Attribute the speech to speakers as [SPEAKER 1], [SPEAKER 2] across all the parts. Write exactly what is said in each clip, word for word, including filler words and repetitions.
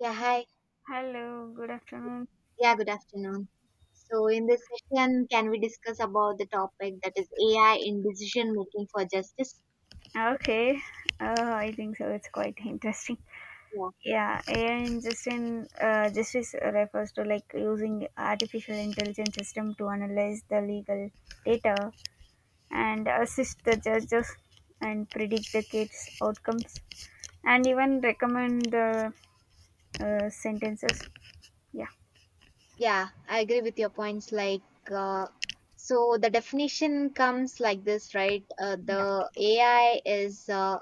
[SPEAKER 1] Yeah, hi.
[SPEAKER 2] Hello, good afternoon.
[SPEAKER 1] Yeah, good afternoon. So, in this session, can we discuss about the topic that is A I in decision making for justice?
[SPEAKER 2] Okay, uh, I think so. It's quite interesting.
[SPEAKER 1] Yeah,
[SPEAKER 2] Yeah, A I in Justin, uh, justice refers to like using artificial intelligence system to analyze the legal data and assist the judges and predict the case outcomes and even recommend the uh, sentences. Yeah,
[SPEAKER 1] yeah, I agree with your points. Like, uh, so the definition comes like this, right? Uh,
[SPEAKER 2] yeah.
[SPEAKER 1] the A I is uh,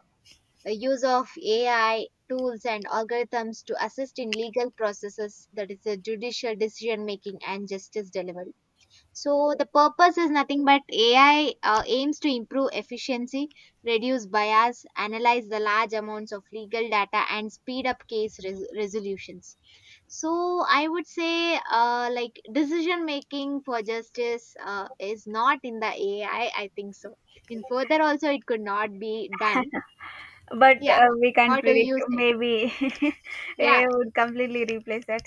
[SPEAKER 1] a use of A I tools and algorithms to assist in legal processes, that is, a judicial decision making and justice delivery. So the purpose is nothing but A I uh, aims to improve efficiency, reduce bias, analyze the large amounts of legal data, and speed up case res- resolutions. So I would say, uh, like decision making for justice uh, is not in the A I. I I think so. In further, also it could not be done.
[SPEAKER 2] But
[SPEAKER 1] Yeah.
[SPEAKER 2] uh, we can't
[SPEAKER 1] What do
[SPEAKER 2] predict.
[SPEAKER 1] you say?
[SPEAKER 2] Maybe A I
[SPEAKER 1] Yeah.
[SPEAKER 2] would completely replace that.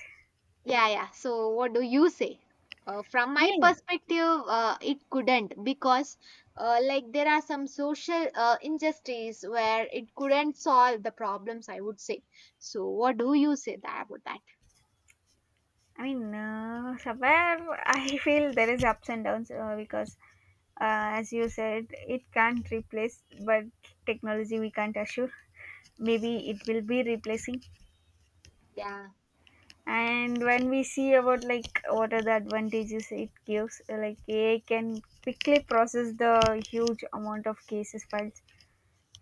[SPEAKER 1] Yeah, yeah. So, what do you say? Uh, from my
[SPEAKER 2] Me.
[SPEAKER 1] perspective, uh, it couldn't because, uh, like, there are some social uh, injustice where it couldn't solve the problems, I would say. So, what do you say that about that?
[SPEAKER 2] I mean, uh, somewhere I feel there is ups and downs uh, because, uh, as you said, it can't replace, but technology we can't assure. Maybe it will be replacing.
[SPEAKER 1] Yeah,
[SPEAKER 2] And when we see about like what are the advantages it gives, uh, like A I can quickly process the huge amount of cases files,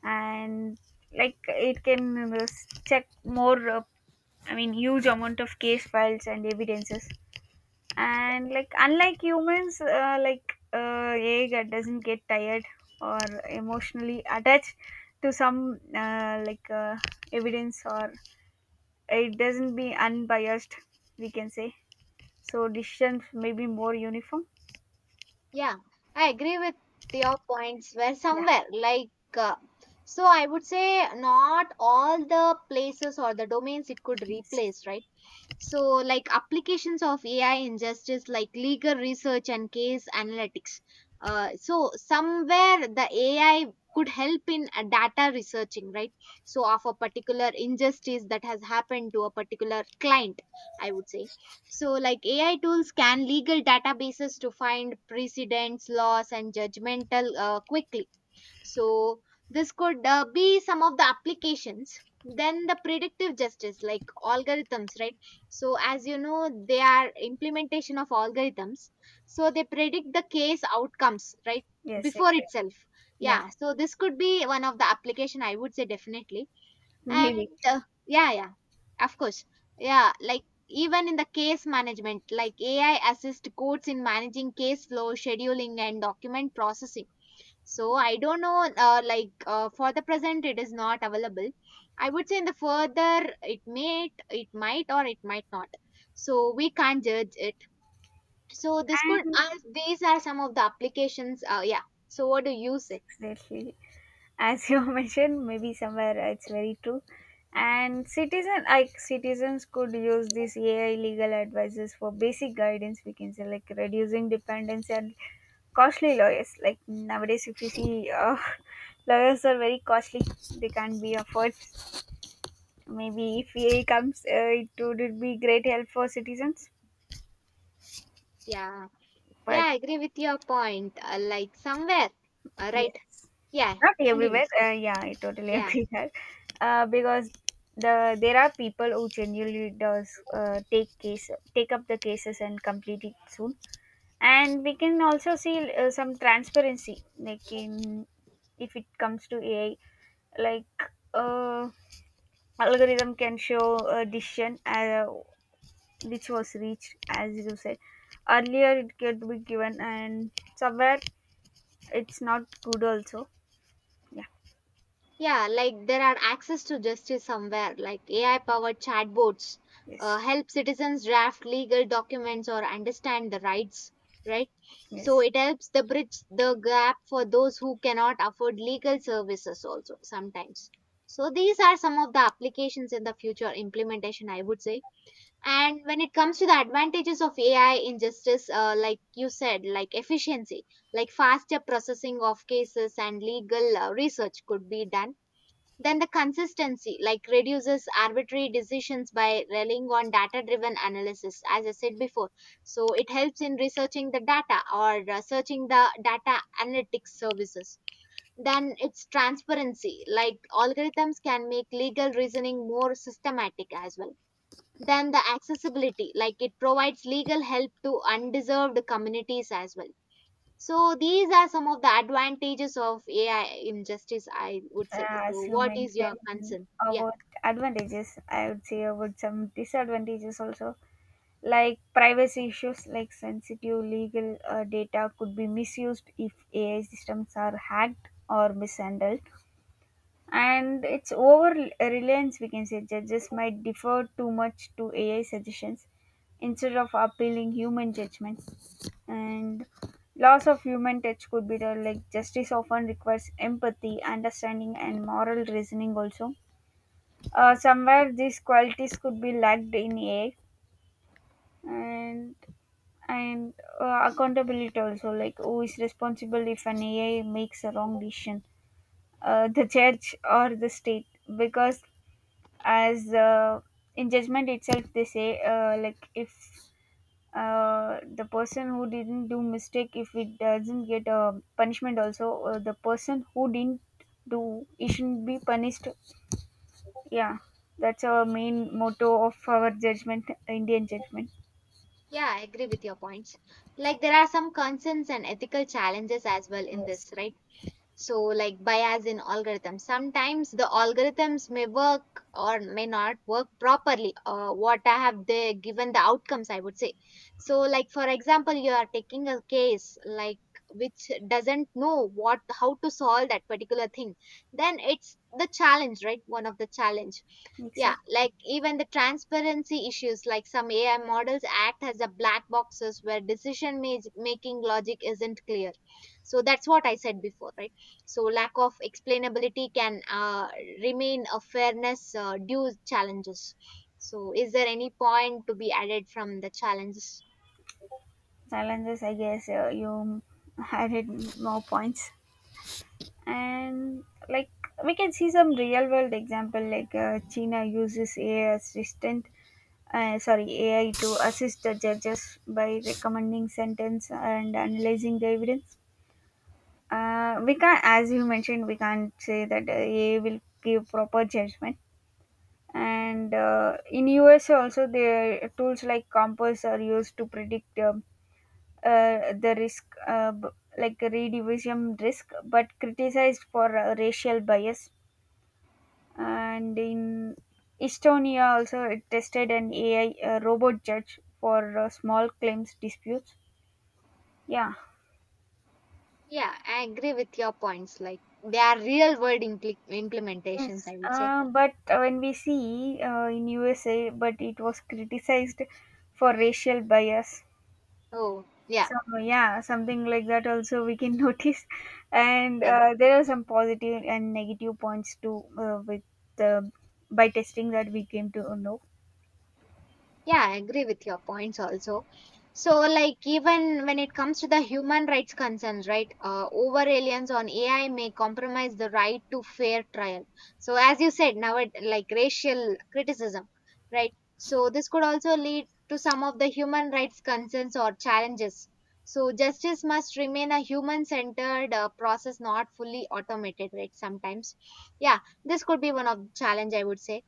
[SPEAKER 2] and like it can uh, check more. Uh, I mean, huge amount of case files and evidences and like unlike humans uh, like uh, yeah, that doesn't get tired or emotionally attached to some uh, like uh, evidence, or it doesn't be unbiased, we can say, so decisions may be more uniform.
[SPEAKER 1] yeah. I agree with your points where
[SPEAKER 2] Yeah,
[SPEAKER 1] somewhere, like, uh, so I would say not all the places or the domains it could
[SPEAKER 2] yes,
[SPEAKER 1] replace, right? So, like applications of A I in justice, like legal research and case analytics. Uh, so, somewhere the A I could help in uh, data researching, right? So, of a particular injustice that has happened to a particular client, I would say. So, like A I tools scan legal databases to find precedents, laws, and judgmental uh, quickly, so this could uh, be some of the applications. Then the predictive justice, like algorithms, right? So as you know, they are implementation of algorithms. So they predict the case outcomes, right?
[SPEAKER 2] yes,
[SPEAKER 1] Before
[SPEAKER 2] exactly.
[SPEAKER 1] itself.
[SPEAKER 2] Yeah,
[SPEAKER 1] Yeah. So this could be one of the application I would say definitely. And
[SPEAKER 2] maybe.
[SPEAKER 1] uh, yeah, yeah, of course. Yeah, like even in the case management, like A I assist courts in managing case flow, scheduling, and document processing, so I don't know, uh, like uh, for the present, it is not available. I would say in the further, it may, it might, or it might not. So we can't judge it. So this could,
[SPEAKER 2] And
[SPEAKER 1] uh, these are some of the applications. Uh, yeah. So what do you say?
[SPEAKER 2] six days, as you mentioned, maybe somewhere it's very true, and citizen, like citizens, could use these AI legal advisors for basic guidance, we can say, like reducing dependence and costly lawyers. Like nowadays if you see, uh, lawyers are very costly, they can't be afforded. Maybe if AI comes, uh, it would be great help for citizens.
[SPEAKER 1] Yeah, yeah,
[SPEAKER 2] But
[SPEAKER 1] I agree with your point. Uh, like somewhere, uh,
[SPEAKER 2] yeah,
[SPEAKER 1] right? Yeah,
[SPEAKER 2] not
[SPEAKER 1] continue.
[SPEAKER 2] everywhere. Uh, yeah, I totally
[SPEAKER 1] Yeah.
[SPEAKER 2] agree that. Uh, because the there are people who genuinely does uh, take case take up the cases and complete it soon. And we can also see uh, some transparency, like in, if it comes to AI, like, uh, algorithm can show a decision uh, which was reached, as you said earlier, it could be given. And somewhere it's not good also. Yeah,
[SPEAKER 1] Yeah, like there are access to justice somewhere, like A I powered chatbots uh,
[SPEAKER 2] yes,
[SPEAKER 1] help citizens draft legal documents or understand the rights, right? So
[SPEAKER 2] yes.
[SPEAKER 1] it helps the bridge the gap for those who cannot afford legal services also sometimes. So these are some of the applications in the future implementation, I would say. And when it comes to the advantages of A I in justice, uh, like you said, like efficiency, like faster processing of cases and legal uh, research could be done, then the consistency, like reduces arbitrary decisions by relying on data driven analysis, as I said before. So it helps in researching the data or uh, searching the data analytics services. Then it's transparency, like algorithms can make legal reasoning more systematic as well. Then the accessibility, like it provides legal help to undeserved communities as well, so these are some of the advantages of A I injustice, I would
[SPEAKER 2] Uh,
[SPEAKER 1] say. So
[SPEAKER 2] as you
[SPEAKER 1] what is your
[SPEAKER 2] mentioned
[SPEAKER 1] concern? Yeah,
[SPEAKER 2] about advantages, I would say about some disadvantages also, like privacy issues, like sensitive legal uh, data could be misused if A I systems are hacked or mishandled. And it's over reliance, we can say, judges might defer too much to AI suggestions instead of appealing human judgment. And loss of human touch could be there, like justice often requires empathy, understanding and moral reasoning also. Uh, somewhere these qualities could be lacked in AI. And and uh, accountability also, like who is responsible if an AI makes a wrong decision, uh, the church or the state? Because as uh, in judgment itself they say, uh, like if, uh, the person who didn't do mistake, if it doesn't get a punishment also, uh, the person who didn't do it shouldn't be punished. Yeah, that's our main motto of our judgment, Indian judgment.
[SPEAKER 1] yeah, I agree with your points. Like there are some concerns and ethical challenges as well in
[SPEAKER 2] Yes,
[SPEAKER 1] this, right? So, like bias in algorithms. Sometimes the algorithms may work or may not work properly. Uh, what I have they given the outcomes, I would say. So, like for example, you are taking a case like which doesn't know what how to solve that particular thing. Then it's the challenge, right? One of the challenge, yeah,
[SPEAKER 2] exact.
[SPEAKER 1] like even the transparency issues, like some A I models act as a black boxes where decision ma- making logic isn't clear. So that's what I said before, right? So lack of explainability can uh, remain a fairness uh, due challenges. So is there any point to be added from the challenges?
[SPEAKER 2] Challenges, I guess, uh, you added more points. And like, we can see some real world example, like, uh, China uses AI assistant, uh, sorry, A I to assist the judges by recommending sentence and analyzing the evidence. Uh, we can, as you mentioned, we can't say that uh, A I will give proper judgment. And uh, in U S A also, the tools like Compass are used to predict um, uh, the risk, uh, b- like redivision risk, but criticized for uh, racial bias. And in Estonia also, it tested an A I uh, robot judge for uh, small claims disputes. Yeah.
[SPEAKER 1] Yeah, I agree with your points. Like they are real world impl- implementations,
[SPEAKER 2] Yes,
[SPEAKER 1] I would say.
[SPEAKER 2] uh, but when we see uh, in U S A, but it was criticized for racial bias.
[SPEAKER 1] Oh, yeah,
[SPEAKER 2] So yeah, something like that also we can notice. And
[SPEAKER 1] yeah.
[SPEAKER 2] uh, there are some positive and negative points too, uh, with the, by testing that we came to know.
[SPEAKER 1] Yeah, I agree with your points also. So, like, even when it comes to the human rights concerns, right, uh, over reliance on A I may compromise the right to fair trial. So, as you said, now it like racial criticism, right? So, this could also lead to some of the human rights concerns or challenges. So, justice must remain a human centered uh, process, not fully automated, right? Sometimes, yeah, this could be one of the challenge I would say,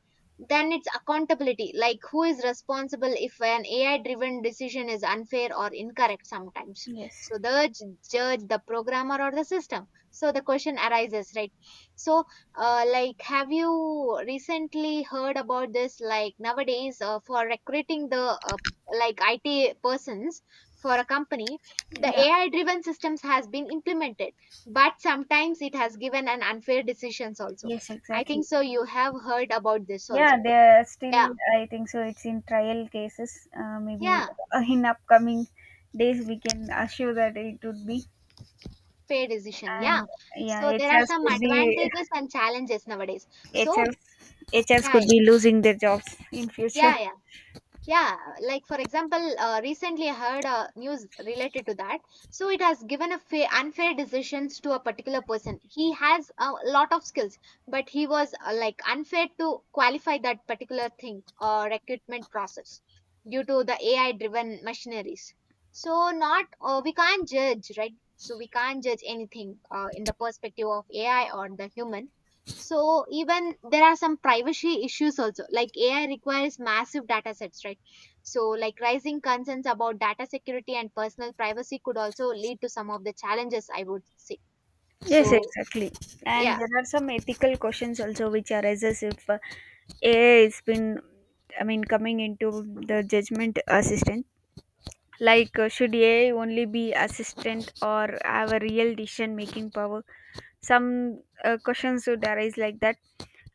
[SPEAKER 1] then it's accountability, like who is responsible if an A I driven decision is unfair or incorrect sometimes.
[SPEAKER 2] Yes,
[SPEAKER 1] So the j- judge, the programmer, or the system. So the question arises, right? So, uh, like, have you recently heard about this? Like nowadays, uh, for recruiting the uh, like I T persons for a company, the
[SPEAKER 2] yeah,
[SPEAKER 1] A I driven systems has been implemented, but sometimes it has given an unfair decisions also.
[SPEAKER 2] yes,
[SPEAKER 1] I think
[SPEAKER 2] exactly.
[SPEAKER 1] so. You have heard about this
[SPEAKER 2] Yeah,
[SPEAKER 1] also.
[SPEAKER 2] they're
[SPEAKER 1] Yeah,
[SPEAKER 2] still, I think so, it's in trial cases. Uh, maybe
[SPEAKER 1] yeah,
[SPEAKER 2] uh, in upcoming days, we can assure that it would be.
[SPEAKER 1] fair decision. Yeah.
[SPEAKER 2] And yeah,
[SPEAKER 1] So there are
[SPEAKER 2] H Rs
[SPEAKER 1] some
[SPEAKER 2] could be,
[SPEAKER 1] advantages and challenges nowadays. So,
[SPEAKER 2] H Rs, H Rs
[SPEAKER 1] yeah,
[SPEAKER 2] could
[SPEAKER 1] yeah,
[SPEAKER 2] be losing their jobs in future.
[SPEAKER 1] yeah, yeah. Yeah, like for example, uh, recently I heard uh, news related to that. So it has given a fa- unfair decisions to a particular person. He has a lot of skills, but he was uh, like unfair to qualify that particular thing or recruitment process due to the A I driven machineries. So not uh, we can't judge, right? So we can't judge anything uh, in the perspective of A I or the human. So even there are some privacy issues also. Like A I requires massive data sets, right? So, like rising concerns about data security and personal privacy could also lead to some of the challenges, I would say.
[SPEAKER 2] Yes,
[SPEAKER 1] So,
[SPEAKER 2] exactly.
[SPEAKER 1] yeah,
[SPEAKER 2] And there are some ethical questions also which arises if uh, A I has been, I mean, coming into the judgment assistant. Like, uh, should A I only be assistant or have a real decision making power? Some, uh, questions would arise like that.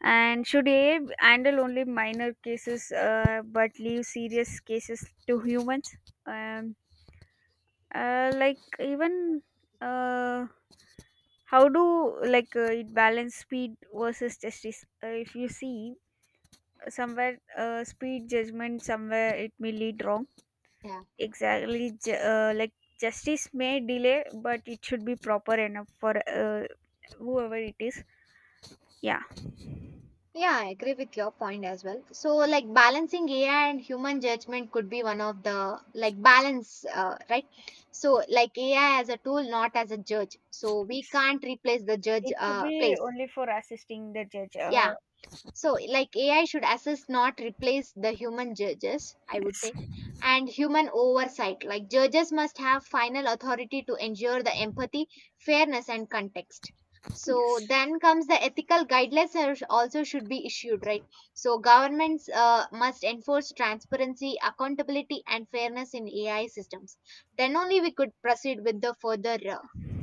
[SPEAKER 2] And should AI handle only minor cases, uh, but leave serious cases to humans? um, uh, like even, uh, how do like uh, it balance speed versus justice. Uh, if you see, somewhere, uh, speed judgment, somewhere it may lead wrong.
[SPEAKER 1] yeah.
[SPEAKER 2] Exactly. Ju- uh, like, justice may delay but it should be proper enough for, uh, whoever it is. Yeah.
[SPEAKER 1] Yeah, I agree with your point as well. So, like balancing A I and human judgment could be one of the like balance, uh, right? So, like A I as a tool, not as a judge. So, we can't replace the judge
[SPEAKER 2] It should
[SPEAKER 1] uh,
[SPEAKER 2] be
[SPEAKER 1] place.
[SPEAKER 2] only for assisting the judge. Uh,
[SPEAKER 1] Yeah, so like AI should assist, not replace the human judges, I would
[SPEAKER 2] Yes,
[SPEAKER 1] say. And human oversight, like judges must have final authority to ensure the empathy, fairness and context. So
[SPEAKER 2] yes,
[SPEAKER 1] then comes the ethical guidelines are- sh- also should be issued, right? So governments uh, must enforce transparency, accountability and fairness in AI systems. Then only we could proceed with the further uh,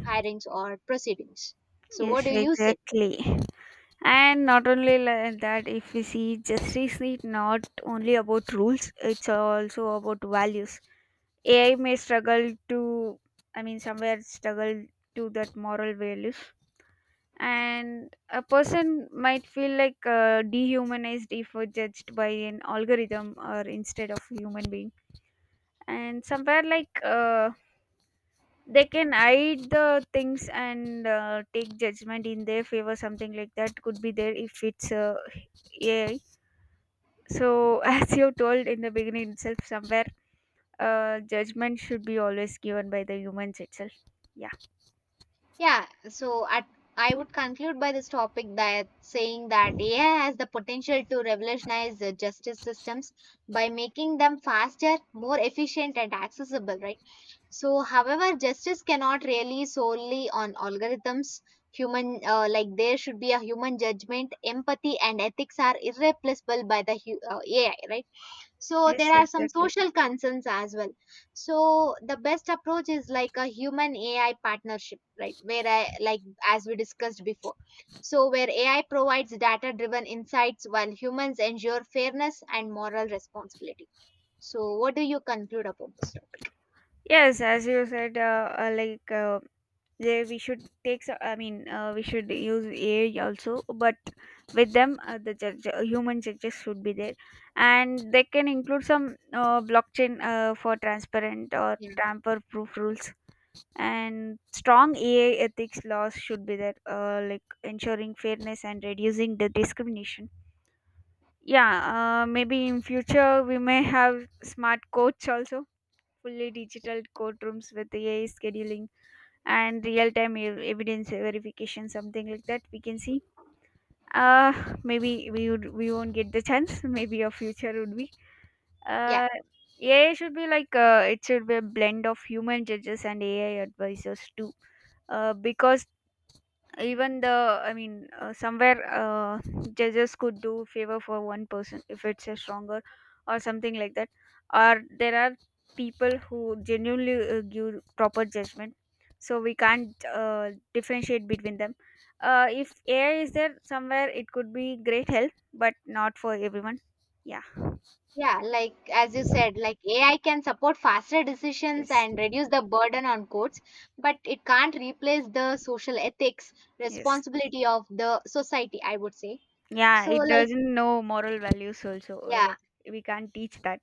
[SPEAKER 1] hirings or proceedings. So what
[SPEAKER 2] yes,
[SPEAKER 1] do you say?
[SPEAKER 2] exactly. And not only like that, if we see, justice is not only about rules, it's also about values. A I may struggle to, I mean, somewhere struggle to that moral values. And a person might feel like uh, dehumanized if we're judged by an algorithm or instead of human being. And somewhere, like, uh, they can hide the things and uh, take judgment in their favor, something like that could be there if it's uh, AI. So as you told in the beginning itself, somewhere, uh, judgment should be always given by the humans itself. Yeah,
[SPEAKER 1] Yeah, so at, I would conclude by this topic that saying that A I has the potential to revolutionize the justice systems by making them faster, more efficient, and accessible, right? So, however, justice cannot rely solely on algorithms. Human, uh, like there should be a human judgment, empathy, and ethics are irreplaceable by the hu- uh, A I, right? So
[SPEAKER 2] yes,
[SPEAKER 1] there are some
[SPEAKER 2] exactly.
[SPEAKER 1] social concerns as well, so the best approach is like a human AI partnership, right, where I like as we discussed before, so where AI provides data driven insights while humans ensure fairness and moral responsibility. So what do you conclude about this?
[SPEAKER 2] Yes, as you said, uh, uh, like uh, they we should take, so- i mean uh, we should use AI also, but with them, uh, the judge, uh, human judges should be there. And they can include some uh, blockchain uh, for transparent or
[SPEAKER 1] Yeah,
[SPEAKER 2] tamper proof rules. And strong AI ethics laws should be there, uh, like ensuring fairness and reducing the discrimination. Yeah, uh, maybe in future we may have smart courts also, fully digital courtrooms with AI scheduling and real time evidence verification, something like that we can see. uh Maybe we would we won't get the chance. Maybe our future would be,
[SPEAKER 1] yeah,
[SPEAKER 2] uh, A I should be like, uh, it should be a blend of human judges and A I advisors too, uh, because even the I mean uh, somewhere, uh, judges could do favor for one person if it's a stronger, or something like that. Or there are people who genuinely uh, give proper judgment, so we can't uh, differentiate between them. Uh, if AI is there, somewhere it could be great help but not for everyone. Yeah,
[SPEAKER 1] yeah, like as you said, like AI can support faster decisions
[SPEAKER 2] yes,
[SPEAKER 1] and reduce the burden on courts, but it can't replace the social ethics
[SPEAKER 2] yes.
[SPEAKER 1] responsibility of the society, I would say.
[SPEAKER 2] Yeah,
[SPEAKER 1] So,
[SPEAKER 2] it
[SPEAKER 1] like,
[SPEAKER 2] doesn't know moral values also. Uh,
[SPEAKER 1] yeah,
[SPEAKER 2] like we can't teach that.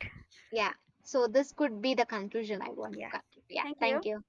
[SPEAKER 1] yeah. So, this could be the conclusion I want to
[SPEAKER 2] Yeah,
[SPEAKER 1] conclude. Yeah,
[SPEAKER 2] thank
[SPEAKER 1] thank
[SPEAKER 2] you.
[SPEAKER 1] you.